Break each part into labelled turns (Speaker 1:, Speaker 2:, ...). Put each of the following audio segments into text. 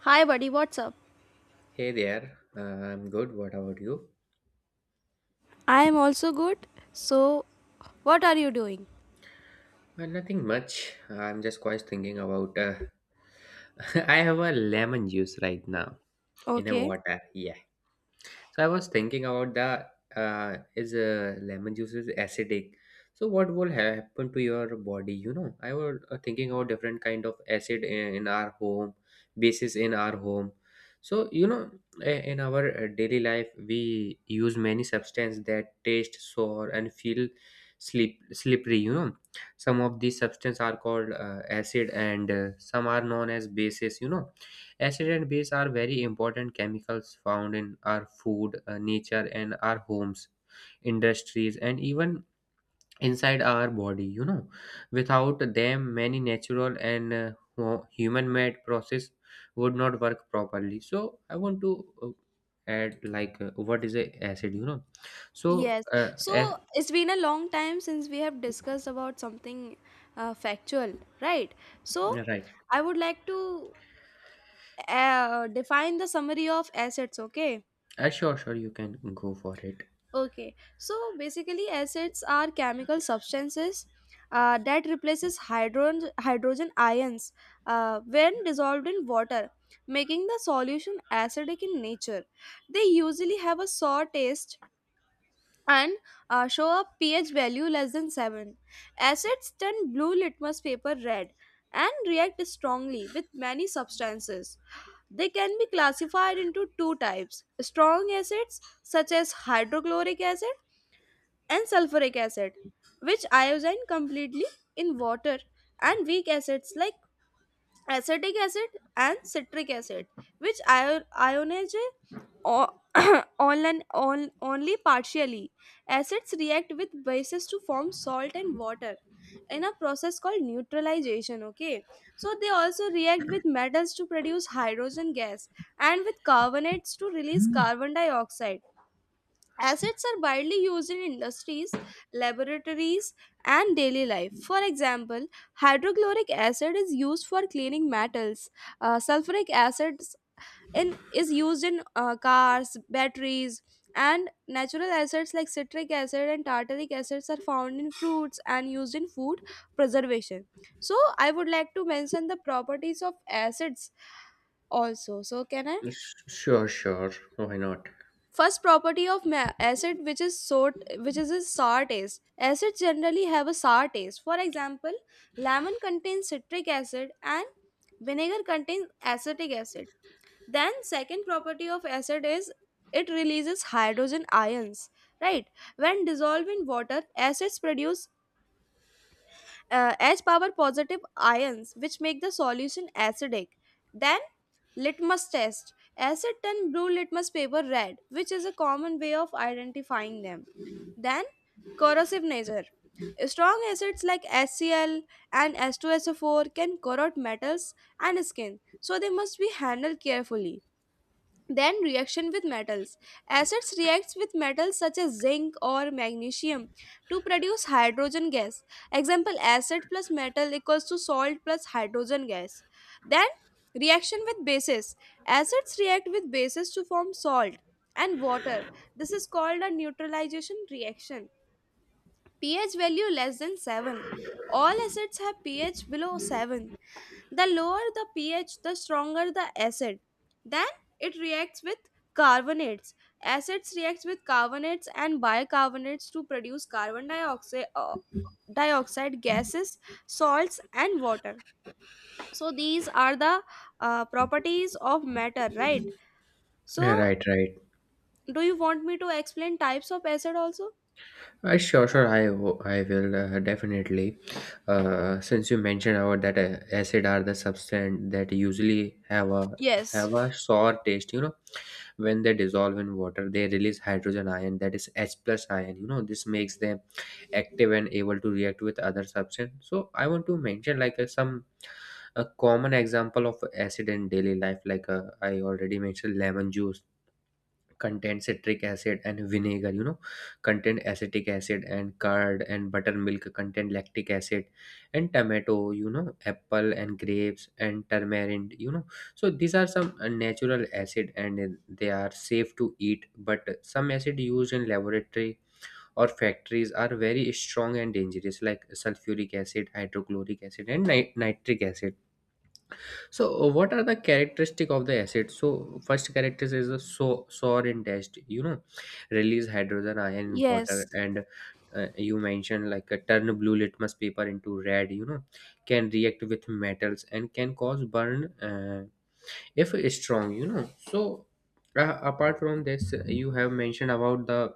Speaker 1: Hi, buddy, what's up?
Speaker 2: Hey there, I'm good. What about you?
Speaker 1: I am also good. So, what are you doing?
Speaker 2: Nothing much. I'm just quite thinking about. I have a lemon juice right now in a
Speaker 1: Okay.
Speaker 2: water. Yeah, so I was thinking about the is lemon juice is acidic. So what will happen to your body? I was thinking about different kind of acid in our home, bases in our home. So in our daily life, we use many substances that taste sour and feel sleep slippery. Some of these substances are called acid, and some are known as bases. Acid and base are very important chemicals found in our food, nature, and our homes, industries, and even inside our body. Without them, many natural and human-made process would not work properly. So, I want to add what is a acid? So
Speaker 1: Yes,
Speaker 2: uh,
Speaker 1: so
Speaker 2: ac-
Speaker 1: it's been a long time since we have discussed about something factual, right? So,
Speaker 2: right.
Speaker 1: I would like to define the summary of assets, okay?
Speaker 2: Sure, sure, you can go for it.
Speaker 1: Okay, so basically, acids are chemical substances that replaces hydrogen ions when dissolved in water, making the solution acidic in nature. They usually have a sour taste and show a pH value less than seven. Acids turn blue litmus paper red and react strongly with many substances. They can be classified into two types: strong acids such as hydrochloric acid and sulfuric acid, which iodine completely in water, and weak acids like acetic acid and citric acid, which ionize o- only, only partially. Acids react with bases to form salt and water in a process called neutralization. Okay, so they also react with metals to produce hydrogen gas and with carbonates to release carbon dioxide. Acids are widely used in industries, laboratories, and daily life. For example, hydrochloric acid is used for cleaning metals. Sulfuric acid is used in cars, batteries, and natural acids like citric acid and tartaric acids are found in fruits and used in food preservation. So, I would like to mention the properties of acids also. So, can I?
Speaker 2: Sure, sure. Why not?
Speaker 1: First property of acid which is sort which is a sour taste. Acids generally have a sour taste. For example, lemon contains citric acid and vinegar contains acetic acid. Then second property of acid is it releases hydrogen ions, right? When dissolved in water, acids produce H power positive ions which make the solution acidic. Then litmus test. Acid turn blue litmus paper red, which is a common way of identifying them. Then corrosive nature. Strong acids like HCl and H2SO4 can corrode metals and skin, so they must be handled carefully. Then reaction with metals: acids reacts with metals such as zinc or magnesium to produce hydrogen gas. Example: acid plus metal equals to salt plus hydrogen gas. Then reaction with bases: acids react with bases to form salt and water. This is called a neutralization reaction. pH value less than 7: all acids have ph below 7. The lower the pH, the stronger the acid. Then it reacts with carbonates. Acids react with carbonates and bicarbonates to produce carbon dioxide, dioxide gases, salts, and water. So these are the properties of matter, right?
Speaker 2: Yeah,
Speaker 1: So
Speaker 2: right, right.
Speaker 1: do you want me to explain types of acid also?
Speaker 2: Sure, sure. I will definitely. Since you mentioned about that acid are the substance that usually have a
Speaker 1: Yes.
Speaker 2: have a sour taste. When they dissolve in water, they release hydrogen ion, that is H plus ion. This makes them active and able to react with other substance. So I want to mention like some a common example of acid in daily life. Like I already mentioned lemon juice contain citric acid, and vinegar contain acetic acid, and curd and buttermilk contain lactic acid, and tomato, apple and grapes and turmeric. So these are some natural acid, and they are safe to eat, but some acid used in laboratory or factories are very strong and dangerous, like sulfuric acid, hydrochloric acid, and nitric acid. So, what are the characteristic of the acid? So, first characteristic is a sour and test. Release hydrogen ion in
Speaker 1: Yes,
Speaker 2: water, and you mentioned like a turn blue litmus paper into red. Can react with metals and can cause burn, if strong. So apart from this, you have mentioned about the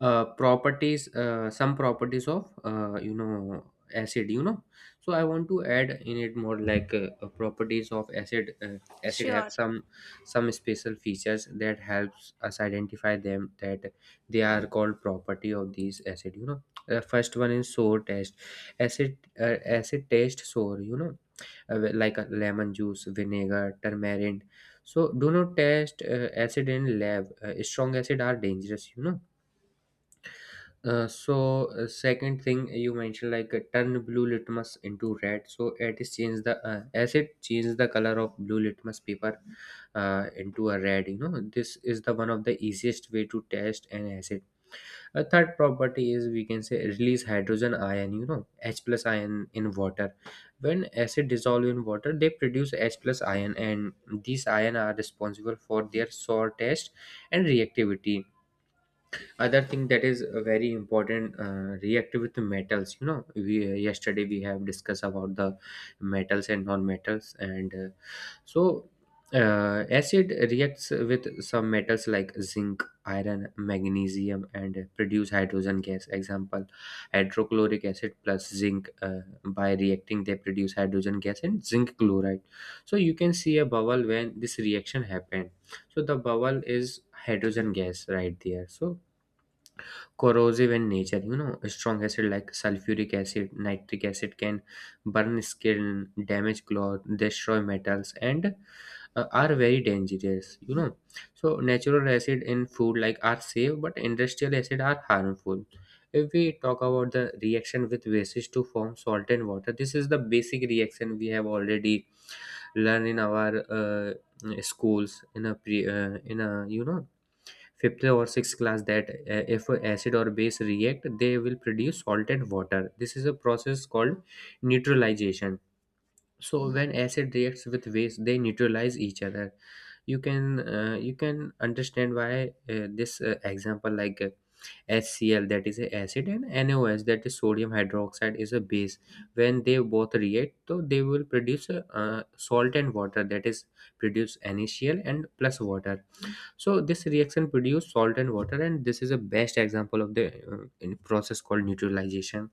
Speaker 2: properties, some properties of acid. So I want to add in it more like properties of acid. Acid
Speaker 1: sure.
Speaker 2: have some special features that helps us identify them, that they are called property of these acid. The first one is sour taste. Acid taste sour, like a lemon juice, vinegar, turmeric. So do not test acid in lab. Strong acid are dangerous. So, second thing, you mentioned like turn blue litmus into red, so it is change the acid change the color of blue litmus paper, into a red. This is the one of the easiest way to test an acid. A third property is we can say release hydrogen ion, h plus ion in water. When acid dissolve in water, they produce h plus ion, and these ion are responsible for their sour taste and reactivity. Other thing that is very important, reactive with the metals. You know we Yesterday we have discussed about the metals and non-metals, and so acid reacts with some metals like zinc, iron, magnesium, and produce hydrogen gas. Example: hydrochloric acid plus zinc, by reacting they produce hydrogen gas and zinc chloride, so you can see a bubble when this reaction happened. So the bubble is hydrogen gas right there. So corrosive in nature. Strong acid like sulfuric acid, nitric acid can burn skin, damage cloth, destroy metals, and are very dangerous. So natural acid in food like are safe, but industrial acid are harmful. If we talk about the reaction with bases to form salt and water, this is the basic reaction we have already learned in our schools, in a fifth or sixth class, that if acid or base react, they will produce salted water. This is a process called neutralization. So when acid reacts with base, they neutralize each other. You can uh, you can understand why this example, like, HCl that is a acid, and NaOH that is sodium hydroxide is a base. When they both react, so they will produce salt and water, that is, produce NaCl and plus water. So this reaction produce salt and water, and this is a best example of the in process called neutralization.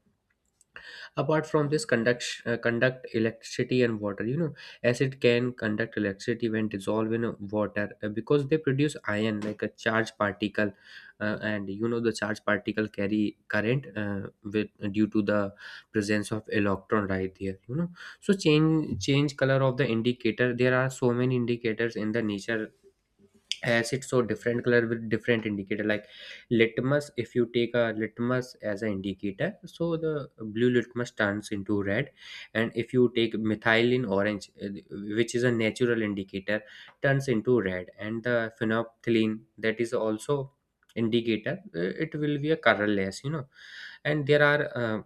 Speaker 2: Apart from this, conduct electricity and water. Acid can conduct electricity when dissolved in water, because they produce ion like a charged particle, and the charged particle carry current with due to the presence of electron right there. So change color of the indicator. There are so many indicators in the nature, as it's so different color with different indicator, like litmus. If you take a litmus as an indicator, so the blue litmus turns into red. And if you take methylene orange, which is a natural indicator, turns into red. And the phenolphthalein, that is also indicator, it will be a colorless. And there are,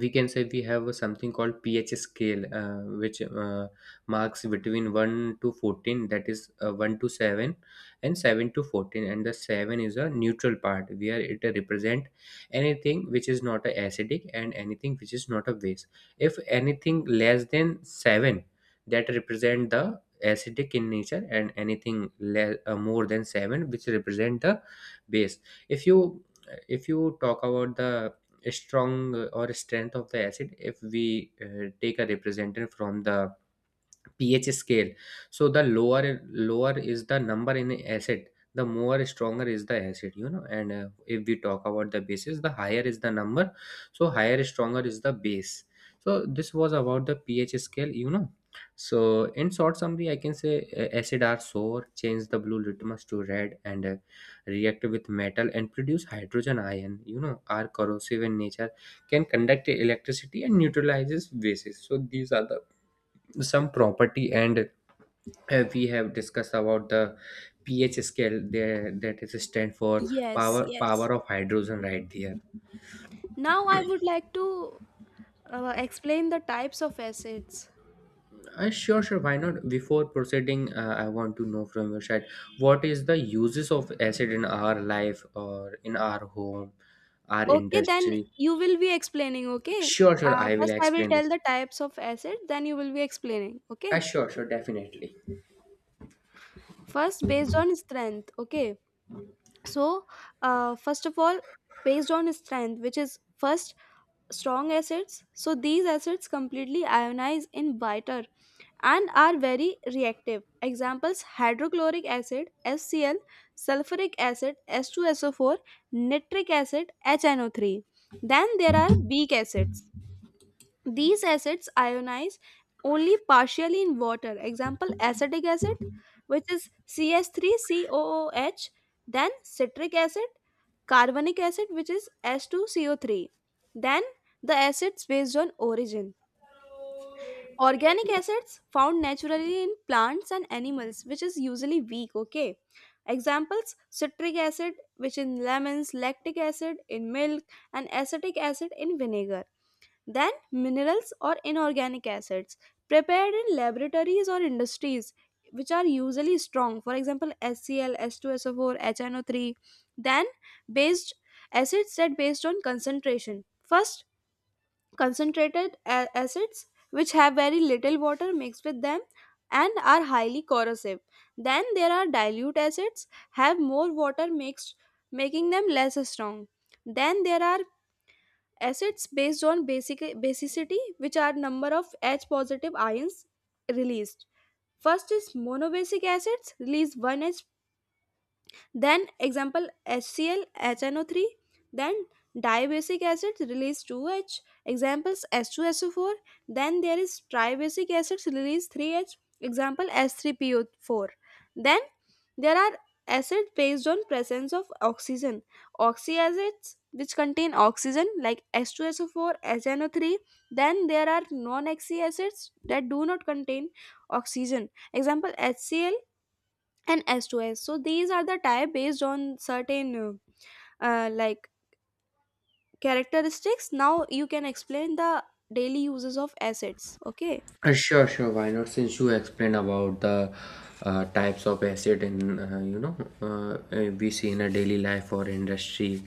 Speaker 2: we can say, we have a something called pH scale, which marks between 1 to 14, that is, 1 to 7, and 7 to 14. And the 7 is a neutral part where it represent anything which is not a acidic and anything which is not a base. If anything less than 7, that represent the acidic in nature, and anything more than 7, which represent the base. If you if you talk about the strong or strength of the acid, if we take a representative from the pH scale, so the lower is the number in acid, the more stronger is the acid, you know. And if we talk about the bases, the higher is the number, so higher stronger is the base. So this was about the pH scale. So in short summary, I can say acid are sour, change the blue litmus to red, and react with metal and produce hydrogen ion. Are corrosive in nature, can conduct electricity and neutralizes bases. So these are the some property, and we have discussed about the ph scale there, that is stand for
Speaker 1: Yes,
Speaker 2: power
Speaker 1: yes.
Speaker 2: power of hydrogen right there.
Speaker 1: Now I would like to explain the types of acids.
Speaker 2: Sure, sure, why not? Before proceeding, I want to know from your side, what is the uses of acid in our life, or in our home, our
Speaker 1: Okay, then
Speaker 2: industry?
Speaker 1: you will be explaining, okay?
Speaker 2: Sure, sure, I will
Speaker 1: First, I will
Speaker 2: explain
Speaker 1: tell
Speaker 2: this.
Speaker 1: the types of acid, then you will be explaining, okay?
Speaker 2: Sure, sure, definitely.
Speaker 1: First, based on strength, okay? So, first of all, based on strength, which is first strong acids. So, these acids completely ionize in water and are very reactive. Examples: hydrochloric acid, HCl, sulfuric acid, H2SO4, nitric acid, HNO3. Then there are weak acids. These acids ionize only partially in water. Example: acetic acid, which is CS3COOH, then citric acid, carbonic acid, which is S2CO3. Then the acids based on origin. Organic acids found naturally in plants and animals, which is usually weak. Okay. Examples: citric acid, which in lemons, lactic acid in milk, and acetic acid in vinegar. Then, minerals or inorganic acids prepared in laboratories or industries, which are usually strong, for example, HCl, H2SO4, HNO3. Then, based acids that based on concentration. First, concentrated acids which have very little water mixed with them and are highly corrosive. Then there are dilute acids have more water mixed making them less strong. Then there are acids based on basicity which are number of h positive ions released. First is monobasic acids release one H, then example HCl, HNO3, then dibasic acids release 2H, examples H2SO4, then there is tribasic acids release 3H, example S3PO4. Then there are acids based on presence of oxygen. Oxyacids which contain oxygen like H2SO4, HNO3. Then there are non-oxy acids that do not contain oxygen. Example HCl, and s two S. So these are the type based on certain like characteristics. Now you can explain the daily uses of assets. Okay.
Speaker 2: Sure, sure. Why not? Since you explained about the types of acid in, we see in a daily life or industry,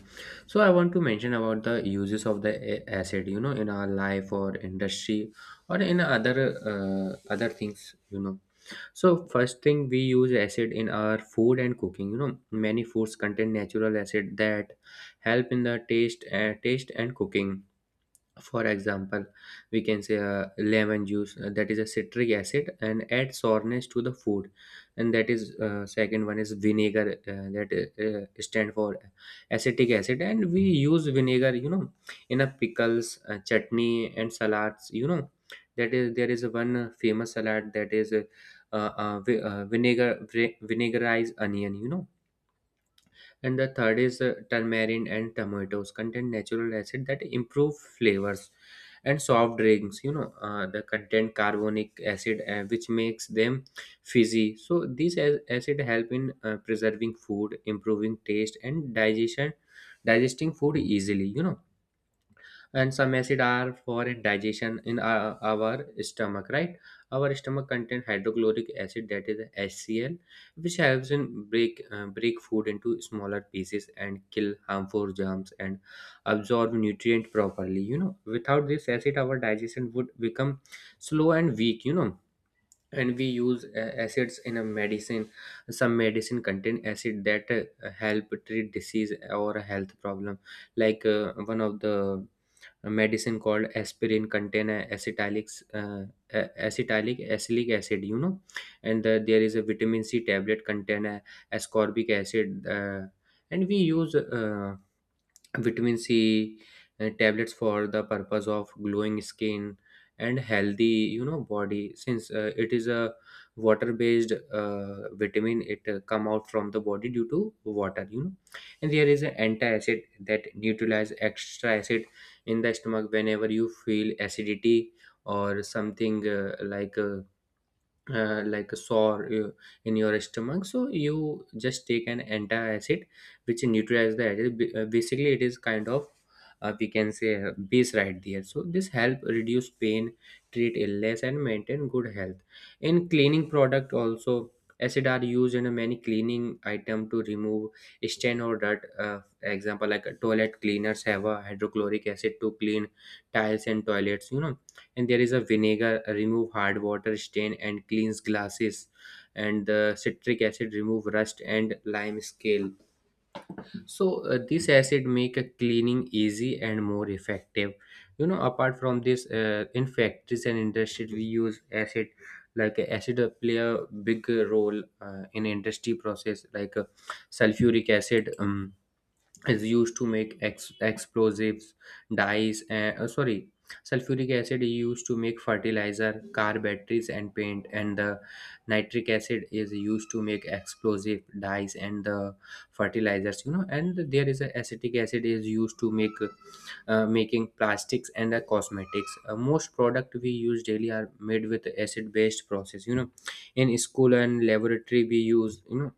Speaker 2: so I want to mention about the uses of the acid. In our life or industry, or in other things. So first thing, we use acid in our food and cooking. Many foods contain natural acid that help in the taste and cooking. For example, we can say lemon juice, that is a citric acid and adds sourness to the food, and that is second one is vinegar, that stand for acetic acid, and we use vinegar in a pickles, chutney, and salads. That is, there is one famous salad, that is, vinegarized onion. And the third is turmeric and tomatoes contain natural acid that improve flavors, and soft drinks, the contain carbonic acid, which makes them fizzy. So these acid help in preserving food, improving taste, and digestion digesting food easily, you know, and some acid are for digestion in our stomach, right? Our stomach contain hydrochloric acid, that is HCl, which helps in break food into smaller pieces, and kill harmful germs, and absorb nutrient properly. Without this acid, our digestion would become slow and weak. And we use acids in a medicine. Some medicine contain acid that help treat disease or a health problem, like, one of the a medicine called aspirin contain a- acetalics a- acetylic acylic acid. And there is a vitamin C tablet contain a ascorbic acid. And we use vitamin C tablets for the purpose of glowing skin and healthy body, since it is a water Based vitamin, it come out from the body due to water, you know. And there is an antacid that neutralize extra acid in the stomach whenever you feel acidity or something like a sore in your stomach, so you just take an anti-acid, which neutralize the acid. Basically, it is kind of, we can say, base right there, so this help reduce pain, treat illness, and maintain good health. In cleaning product also, acid are used in a many cleaning item to remove stain or dirt. Example, like, toilet cleaners have a hydrochloric acid to clean tiles and toilets, you know. And there is a vinegar, remove hard water stain and cleans glasses, and the citric acid remove rust and lime scale. So this acid make a cleaning easy and more effective, you know. Apart from this, in factories and industries we use acid, acid play a big role in industry process, like, sulfuric acid is used to make explosives, dyes, and, sorry, sulfuric acid is used to make fertilizer, car batteries, and paint, and the nitric acid is used to make explosive, dyes, and the fertilizers, you know. And there is a acetic acid is used to make, making plastics and cosmetics. Most product we use daily are made with acid based process, you know. In school and laboratory we use, you know,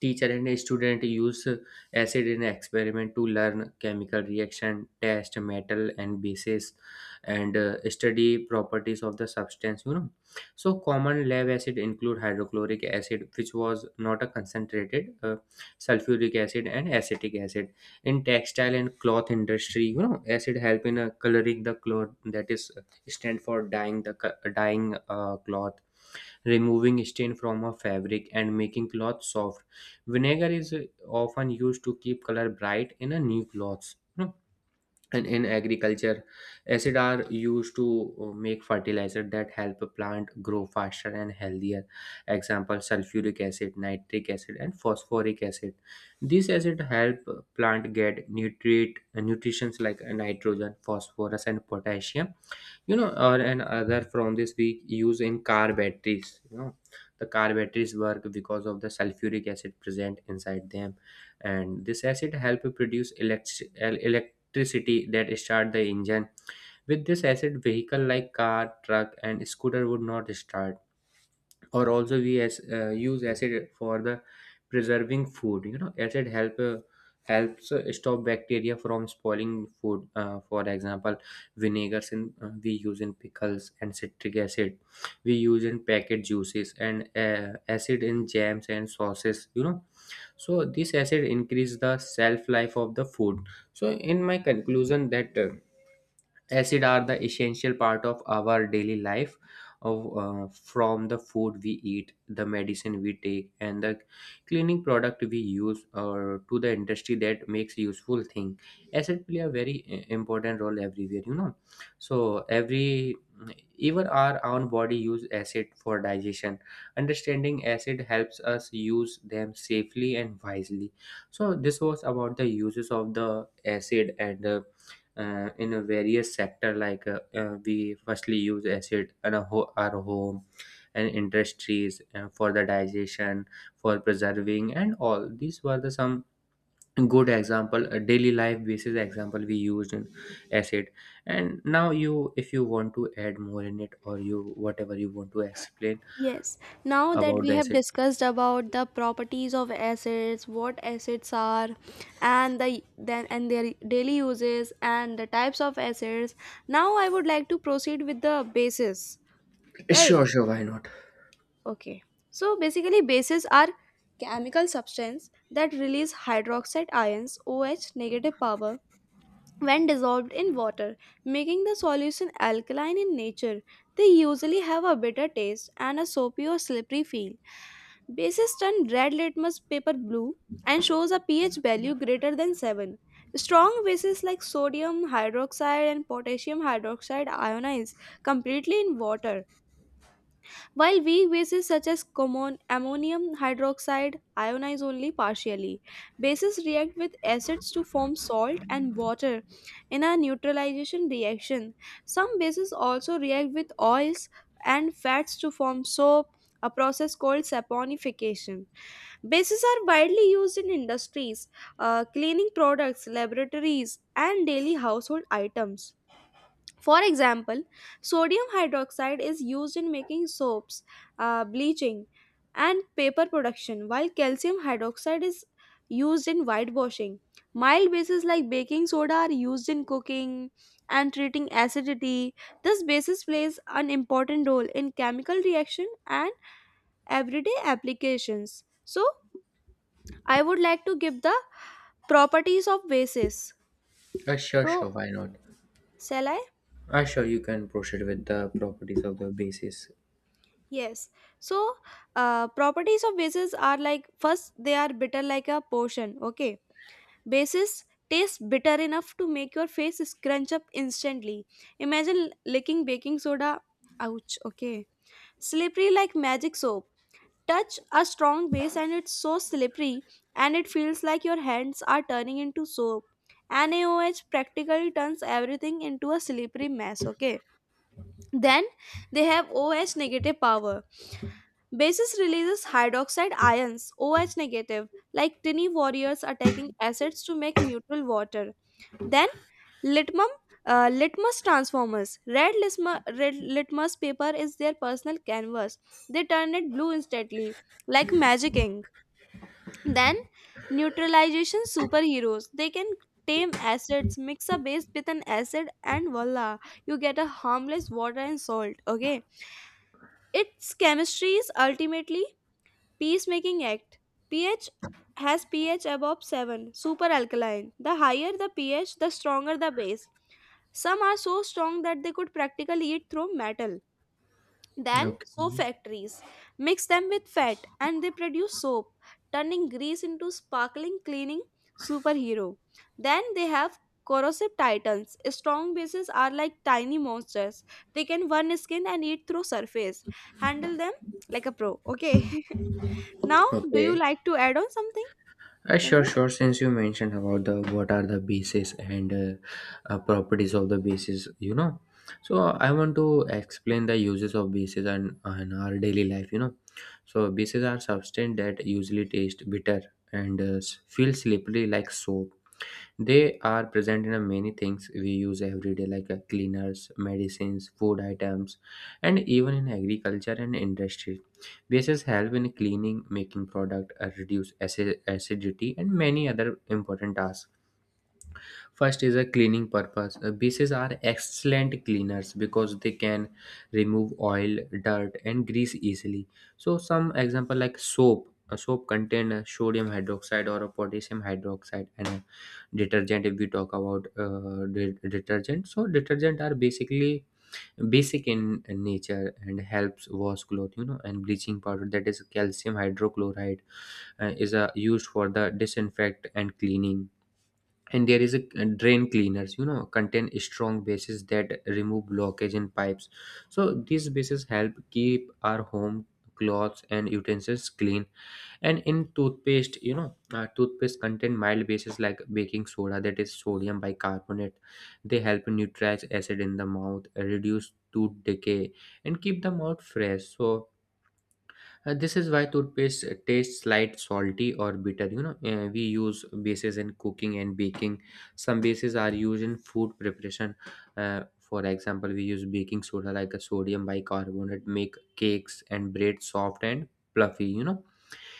Speaker 2: teacher and student use acid in experiment to learn chemical reaction, test metal and bases, and study properties of the substance, you know. So common lab acid include hydrochloric acid, which was not a concentrated, sulfuric acid and acetic acid. In textile and cloth industry, you know, acid help in coloring the cloth, that is, stand for dyeing the dyeing cloth, removing stain from a fabric, and making cloth soft. Vinegar is often used to keep color bright in a new cloths, you know. And in agriculture, acid are used to make fertilizer that help a plant grow faster and healthier. Example: sulfuric acid, nitric acid, and phosphoric acid. These acid help plant get nutrients like nitrogen, phosphorus, and potassium, you know. Or, and other from this, we use in car batteries, you know. The car batteries work because of the sulfuric acid present inside them, and this acid help produce electricity that start the engine. With this acid, vehicle like car, truck, and scooter would not start. Or also we use acid for the preserving food, you know. Acid helps stop bacteria from spoiling food. For example, vinegars in we use in pickles, and citric acid we use in packet juices, and acid in jams and sauces, you know. So this acid increase the shelf life of the food. So in my conclusion, that acid are the essential part of our daily life. Of From the food we eat, the medicine we take, and the cleaning product we use, or to the industry that makes useful thing, acid play a very important role everywhere, you know. So every, even our own body use acid for digestion. Understanding acid helps us use them safely and wisely. So this was about the uses of the acid, and in a various sector, we firstly use acid in a our home and industries, for the digestion, for preserving, and all these were the some good example, a daily life basis example we used in acid. And now you, if you want to add more in it, or you whatever you want to explain
Speaker 1: Yes. Now that
Speaker 2: about
Speaker 1: we
Speaker 2: the
Speaker 1: have
Speaker 2: acid.
Speaker 1: discussed about the properties of assets, what assets are, and the then and their daily uses and the types of assets. Now I would like to proceed with the basis. Right.
Speaker 2: Sure, sure, why not?
Speaker 1: Okay. So basically bases are chemical substance that release hydroxide ions OH negative power when dissolved in water, making the solution alkaline in nature. They usually have a bitter taste and a soapy or slippery feel. Bases turn red litmus paper blue and shows a pH value greater than 7. Strong bases like sodium hydroxide and potassium hydroxide ionize completely in water while weak bases such as common ammonium hydroxide ionize only partially. Bases react with acids to form salt and water in a neutralization reaction. Some bases also react with oils and fats to form soap, a process called saponification. Bases are widely used in industries, cleaning products, laboratories, and daily household items. For example, sodium hydroxide is used in making soaps, bleaching, and paper production, while calcium hydroxide is used in whitewashing. Mild bases like baking soda are used in cooking and treating acidity. This basis plays an important role in chemical reaction and everyday applications. So, I would like to give the properties of bases.
Speaker 2: Sure,
Speaker 1: So,
Speaker 2: sure, why not?
Speaker 1: shall I?
Speaker 2: Sure, you can proceed with the properties of the basis.
Speaker 1: Yes. So, properties of bases are like first they are bitter like a potion. Okay. Bases taste bitter enough to make your face scrunch up instantly. Imagine licking baking soda. Ouch. Okay. Slippery like magic soap. Touch a strong base and it's so slippery and it feels like your hands are turning into soap. NaOH practically turns everything into a slippery mess. Okay, then they have OH negative power. Basis releases hydroxide ions, OH negative, like tiny warriors attacking acids to make neutral water. Then litmum, litmus transformers. Red litmus paper is their personal canvas. They turn it blue instantly, like magic ink. Then neutralization superheroes. They can tame acids, mix a base with an acid, and voila, you get a harmless water and salt. Okay, its chemistry is ultimately peacemaking act. pH: has pH above 7, super alkaline. The higher the pH, the stronger the base. Some are so strong that they could practically eat through metal. Then, soap
Speaker 2: Okay.
Speaker 1: factories mix them with fat and they produce soap, turning grease into sparkling cleaning superhero. Then they have corrosive titans. Strong bases are like tiny monsters. They can burn skin and eat through surface. Handle them like a pro. Okay. Now, do you
Speaker 2: Okay.
Speaker 1: like to add on something in
Speaker 2: Sure,
Speaker 1: it?
Speaker 2: sure. Since you mentioned about the what are the bases, and properties of the bases, you know, so I want to explain the uses of bases and in our daily life, you know. So bases are substance that usually taste bitter and feel slippery like soap. They are present in a many things we use every day, like, cleaners, medicines, food items, and even in agriculture and industry. Bases help in cleaning, making product, reduce acidity, and many other important tasks. First is a cleaning purpose. Bases are excellent cleaners because they can remove oil, dirt, and grease easily. So some example like soap. A soap contain a sodium hydroxide or a potassium hydroxide, and a detergent. If we talk about detergent, so detergent are basically basic in nature, and helps wash cloth, you know. And bleaching powder, that is calcium hydrochloride, is used for the disinfect and cleaning. And there is a drain cleaners, you know, contain strong bases that remove blockage in pipes. So these bases help keep our home, clothes, and utensils clean. And in toothpaste, you know, toothpaste contain mild bases like baking soda, that is sodium bicarbonate. They help neutralize acid in the mouth, reduce tooth decay, and keep the mouth fresh. So this is why toothpaste tastes light, salty, or bitter, you know. We use bases in cooking and baking. Some bases are used in food preparation. For example, we use baking soda, like a sodium bicarbonate, make cakes and bread soft and fluffy, you know.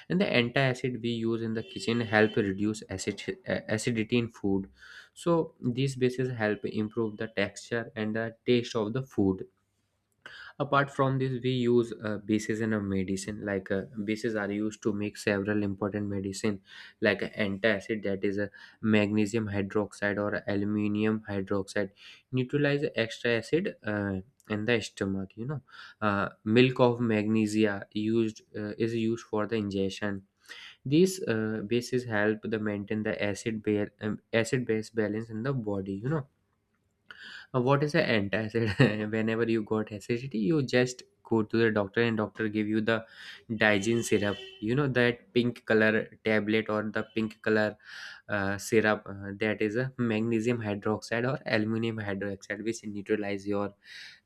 Speaker 2: And the antacid we use in the kitchen help reduce acidity in food. So these bases help improve the texture and the taste of the food. Apart from this, we use bases in a medicine. Like, bases are used to make several important medicine, like, antacid, that is a magnesium hydroxide or aluminium hydroxide, neutralize extra acid in the stomach, you know. Milk of magnesia used is used for the ingestion. These bases help the maintain the acid base balance in the body, you know. What is the antacid? Whenever you got acidity, you just go to the doctor, and doctor give you the digen syrup, you know. That pink color tablet or the pink color syrup, that is a magnesium hydroxide or aluminum hydroxide, which neutralize your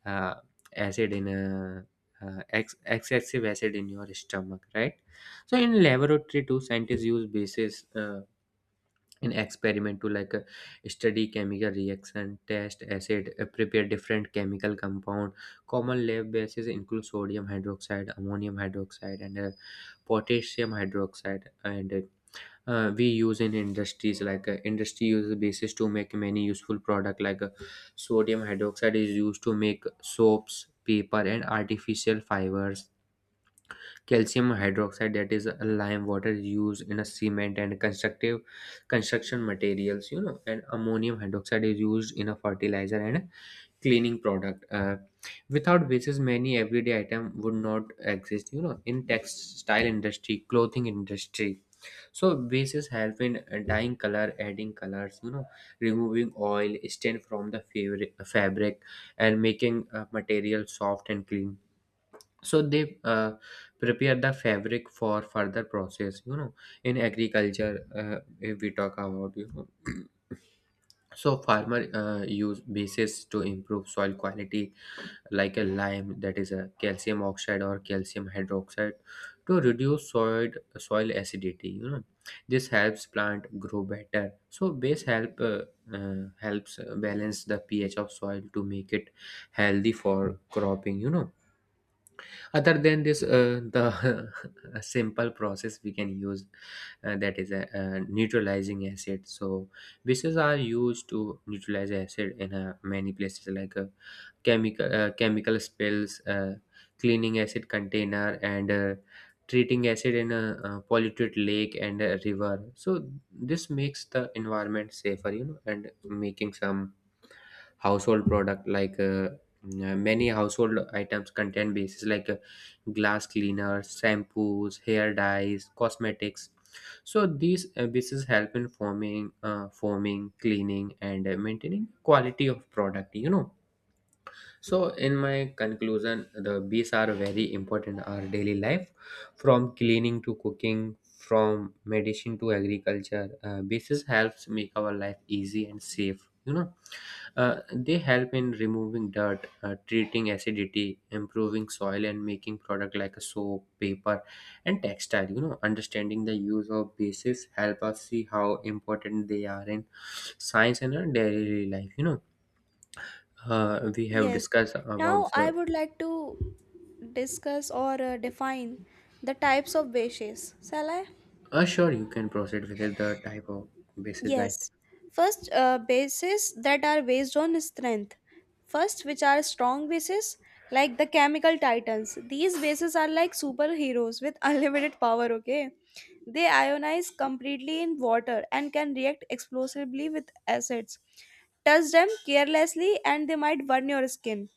Speaker 2: uh, acid in a excessive acid in your stomach, right. So in laboratory too, scientists use bases in experiment to, like, study chemical reaction, test acid, prepare different chemical compound. Common lab bases include sodium hydroxide, ammonium hydroxide, and potassium hydroxide. And we use in industries, industry uses bases to make many useful product, like, sodium hydroxide is used to make soaps, paper, and artificial fibers. Calcium hydroxide, that is a lime water, is used in a cement and constructive construction materials, you know. And ammonium hydroxide is used in a fertilizer and cleaning product. Without basis, many everyday item would not exist, you know. In textile industry, clothing industry, so bases help in dyeing color, adding colors, you know, removing oil stain from the fabric and making material soft and clean. So they prepare the fabric for further process, you know. In agriculture, if we talk about, you know, so farmer use bases to improve soil quality, like a lime, that is a calcium oxide or calcium hydroxide, to reduce soil acidity, you know. This helps plant grow better. So base helps balance the pH of soil to make it healthy for cropping, you know. Other than this, the a simple process we can use, that is a neutralizing acid. So bases are used to neutralize acid in many places, like, chemical spills, cleaning acid container, and treating acid in a, uh, polluted lake and a river. So this makes the environment safer, you know. And making some household product, like, many household items contain bases, like, glass cleaners, shampoos, hair dyes, cosmetics. So these bases help in forming, cleaning, and maintaining quality of product, you know. So, in my conclusion, the bees are very important in our daily life, from cleaning to cooking, from medicine to agriculture. Bees helps make our life easy and safe, you know. They help in removing dirt, treating acidity, improving soil, and making product like a soap, paper, and textile, you know. Understanding the use of bases help us see how important they are in science and our daily life, you know. We have
Speaker 1: Yes.
Speaker 2: discussed
Speaker 1: Now
Speaker 2: about
Speaker 1: I
Speaker 2: the.
Speaker 1: would like to discuss or define the types of bases. Shall I?
Speaker 2: Sure, you can proceed with it, the type of basis, right.
Speaker 1: Yes. First, bases that are based on strength. First, which are strong bases, like the chemical titans. These bases are like superheroes with unlimited power, okay? They ionize completely in water and can react explosively with acids. Touch them carelessly and they might burn your skin.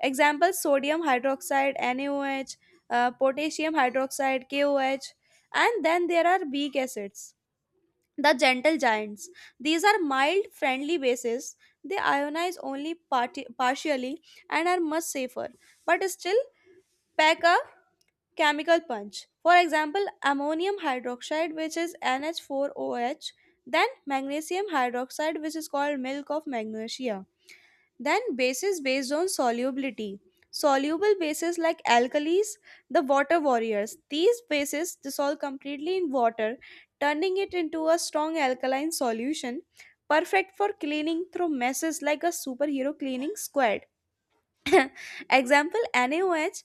Speaker 1: Examples: sodium hydroxide, NaOH, potassium hydroxide, KOH, and then there are weak acids. The gentle giants. These are mild, friendly bases. They ionize only partially and are much safer, but still pack a chemical punch. For example, ammonium hydroxide, which is NH4OH, then magnesium hydroxide, which is called milk of magnesia. Then bases based on solubility. Soluble bases like alkalis, the water warriors. These bases dissolve completely in water, turning it into a strong alkaline solution, perfect for cleaning through messes like a superhero cleaning squad. Example NaOH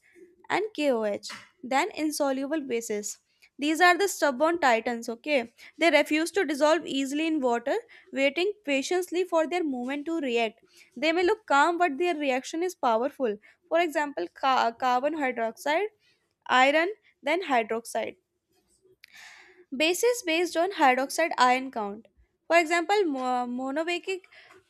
Speaker 1: and KOH, then insoluble bases. These are the stubborn titans, okay? They refuse to dissolve easily in water, waiting patiently for their moment to react. They may look calm, but their reaction is powerful. For example, carbon hydroxide, iron, then hydroxide bases based on hydroxide ion count. For example,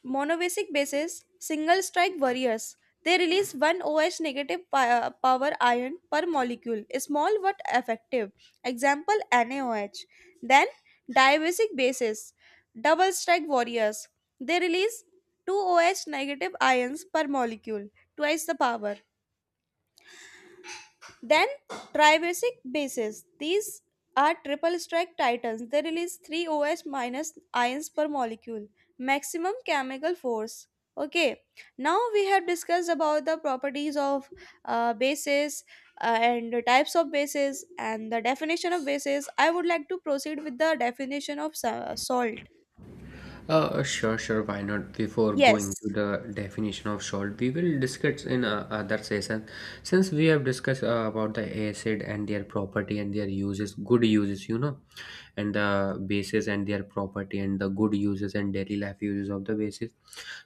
Speaker 1: monovacic bases, single strike warriors, they release one OH negative power ion per molecule, small but effective. Example NaOH. Then divacic bases, double strike warriors, they release two OH negative ions per molecule, twice the power. Then tribasic bases. These are triple strike titans. They release 3 OH minus ions per molecule. Maximum chemical force. Okay, now we have discussed about the properties of bases and the types of bases and the definition of bases. I would like to proceed with the definition of salt.
Speaker 2: Sure, sure, why not? Before going
Speaker 1: Yes.
Speaker 2: to the definition of salt, we will discuss in other session. Since we have discussed about the acid and their property and their uses, good uses, you know, and the bases and their property and the good uses and daily life uses of the bases.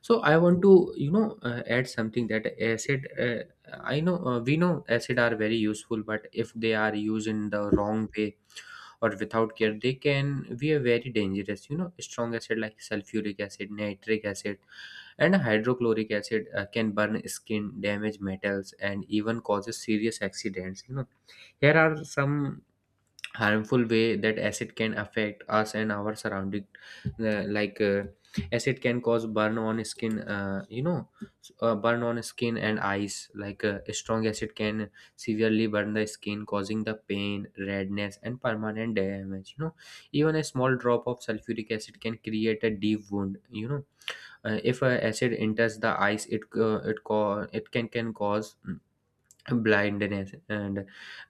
Speaker 2: So I want to, you know, add something that acid. I know we know acid are very useful, but if they are used in the wrong way, or without care they can be a very dangerous, you know, strong acid like sulfuric acid, nitric acid and hydrochloric acid can burn skin, damage metals and even causes serious accidents, you know. Here are some harmful way that acid can affect us and our surrounding. Like acid can cause burn on skin, burn on skin and eyes, like strong acid can severely burn the skin, causing the pain, redness and permanent damage, you know. Even a small drop of sulfuric acid can create a deep wound, if acid enters the eyes, it it can cause blindness. And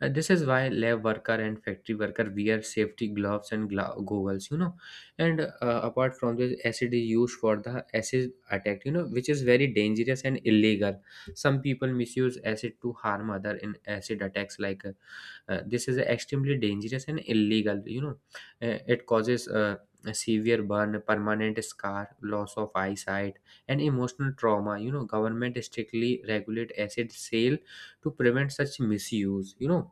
Speaker 2: this is why lab worker and factory worker wear safety gloves and goggles, you know. And apart from this, acid is used for the acid attack, you know, which is very dangerous and illegal. Some people misuse acid to harm other in acid attacks, like this is extremely dangerous and illegal, you know. It causes a severe burn, permanent scar, loss of eyesight and emotional trauma, you know. Government strictly regulate acid sale to prevent such misuse, you know,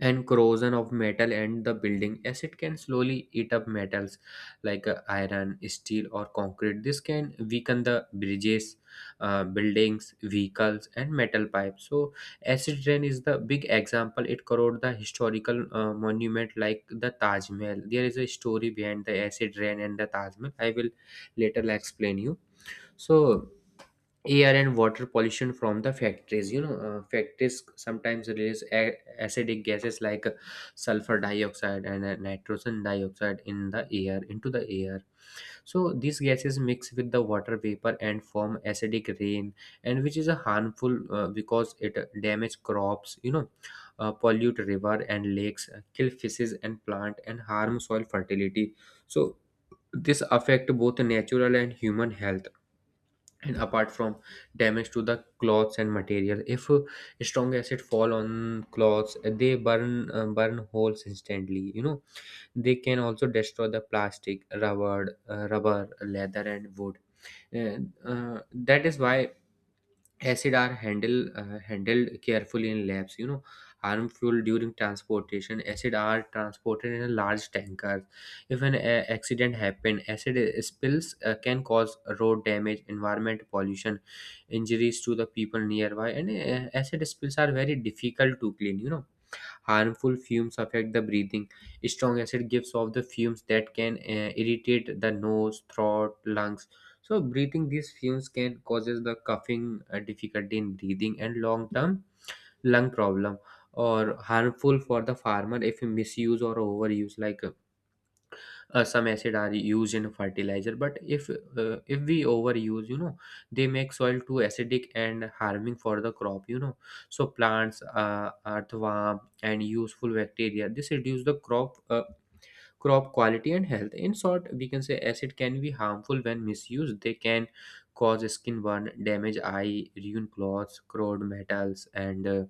Speaker 2: and corrosion of metal and the building, as it can slowly eat up metals like iron, steel or concrete. This can weaken the bridges, buildings, vehicles and metal pipes. So acid rain is the big example. It corrode the historical monument like the Taj Mahal. There is a story behind the acid rain and the Taj Mahal, I will later explain you. So air and water pollution from the factories, you know, factories sometimes release acidic gases like sulfur dioxide and nitrogen dioxide in the air, into the air. So these gases mix with the water vapor and form acidic rain, and which is a harmful, because it damage crops, you know, pollute river and lakes, kill fishes and plant and harm soil fertility. So this affect both natural and human health. And apart from damage to the cloths and material, if strong acid fall on cloths, they burn, burn holes instantly, you know. They can also destroy the plastic, rubber, rubber, leather and wood. And that is why acid are handled carefully in labs, you know. Harmful during transportation, acid are transported in a large tanker. If an accident happen, acid spills can cause road damage, environment pollution, injuries to the people nearby. And acid spills are very difficult to clean, you know. Harmful fumes affect the breathing. Strong acid gives off the fumes that can irritate the nose, throat, lungs. So breathing these fumes can causes the coughing, difficulty in breathing, and long-term lung problem, or harmful for the farmer if misuse or overuse like. Some acid are used in fertilizer, but if we overuse, you know, they make soil too acidic and harming for the crop, you know. So plants, earthworm and useful bacteria, this reduce the crop, crop quality and health. In short, we can say acid can be harmful when misused. They can cause skin burn, damage eye, ruin clothes, corrode metals and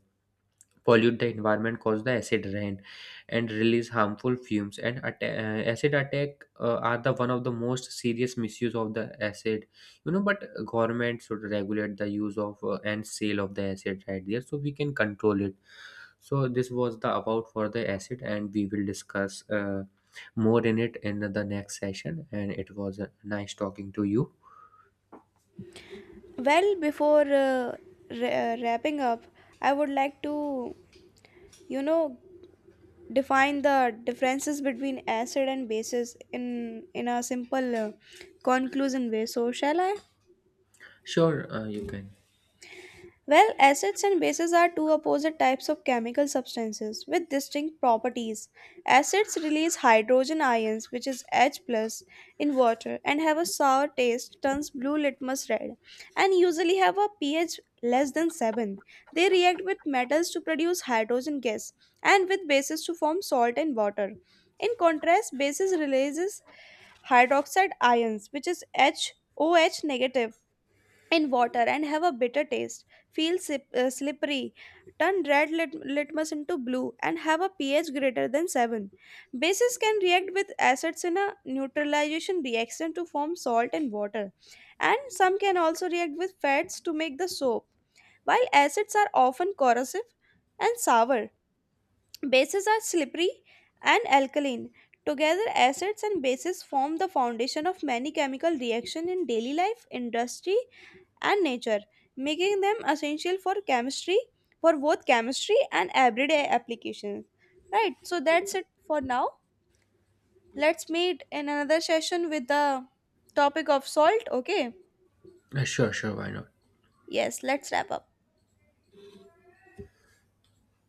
Speaker 2: pollute the environment, cause the acid rain, and release harmful fumes. And acid attack are the one of the most serious misuse of the acid. You know, but government should regulate the use of and sale of the acid right there, so we can control it. So this was the about for the acid, and we will discuss more in it in the next session. And it was nice talking to you.
Speaker 1: Well, before wrapping up, I would like to, you know, define the differences between acid and bases in a simple conclusion way. So shall I?
Speaker 2: Sure, you can.
Speaker 1: Well, acids and bases are two opposite types of chemical substances with distinct properties. Acids release hydrogen ions, which is H plus, in water and have a sour taste, turns blue litmus red, and usually have a pH less than 7. They react with metals to produce hydrogen gas and with bases to form salt and water. In contrast, bases releases hydroxide ions, which is HOH negative, in water and have a bitter taste. Feel slippery. Turn red litmus into blue and have a pH greater than 7. Bases can react with acids in a neutralization reaction to form salt and water. And some can also react with fats to make the soap. While acids are often corrosive and sour, bases are slippery and alkaline. Together, acids and bases form the foundation of many chemical reactions in daily life, industry, and nature, making them essential for chemistry, for both chemistry and everyday applications. Right, so that's it for now. Let's meet in another session with the topic of salt, okay?
Speaker 2: Sure, sure, why not?
Speaker 1: Yes, let's wrap up.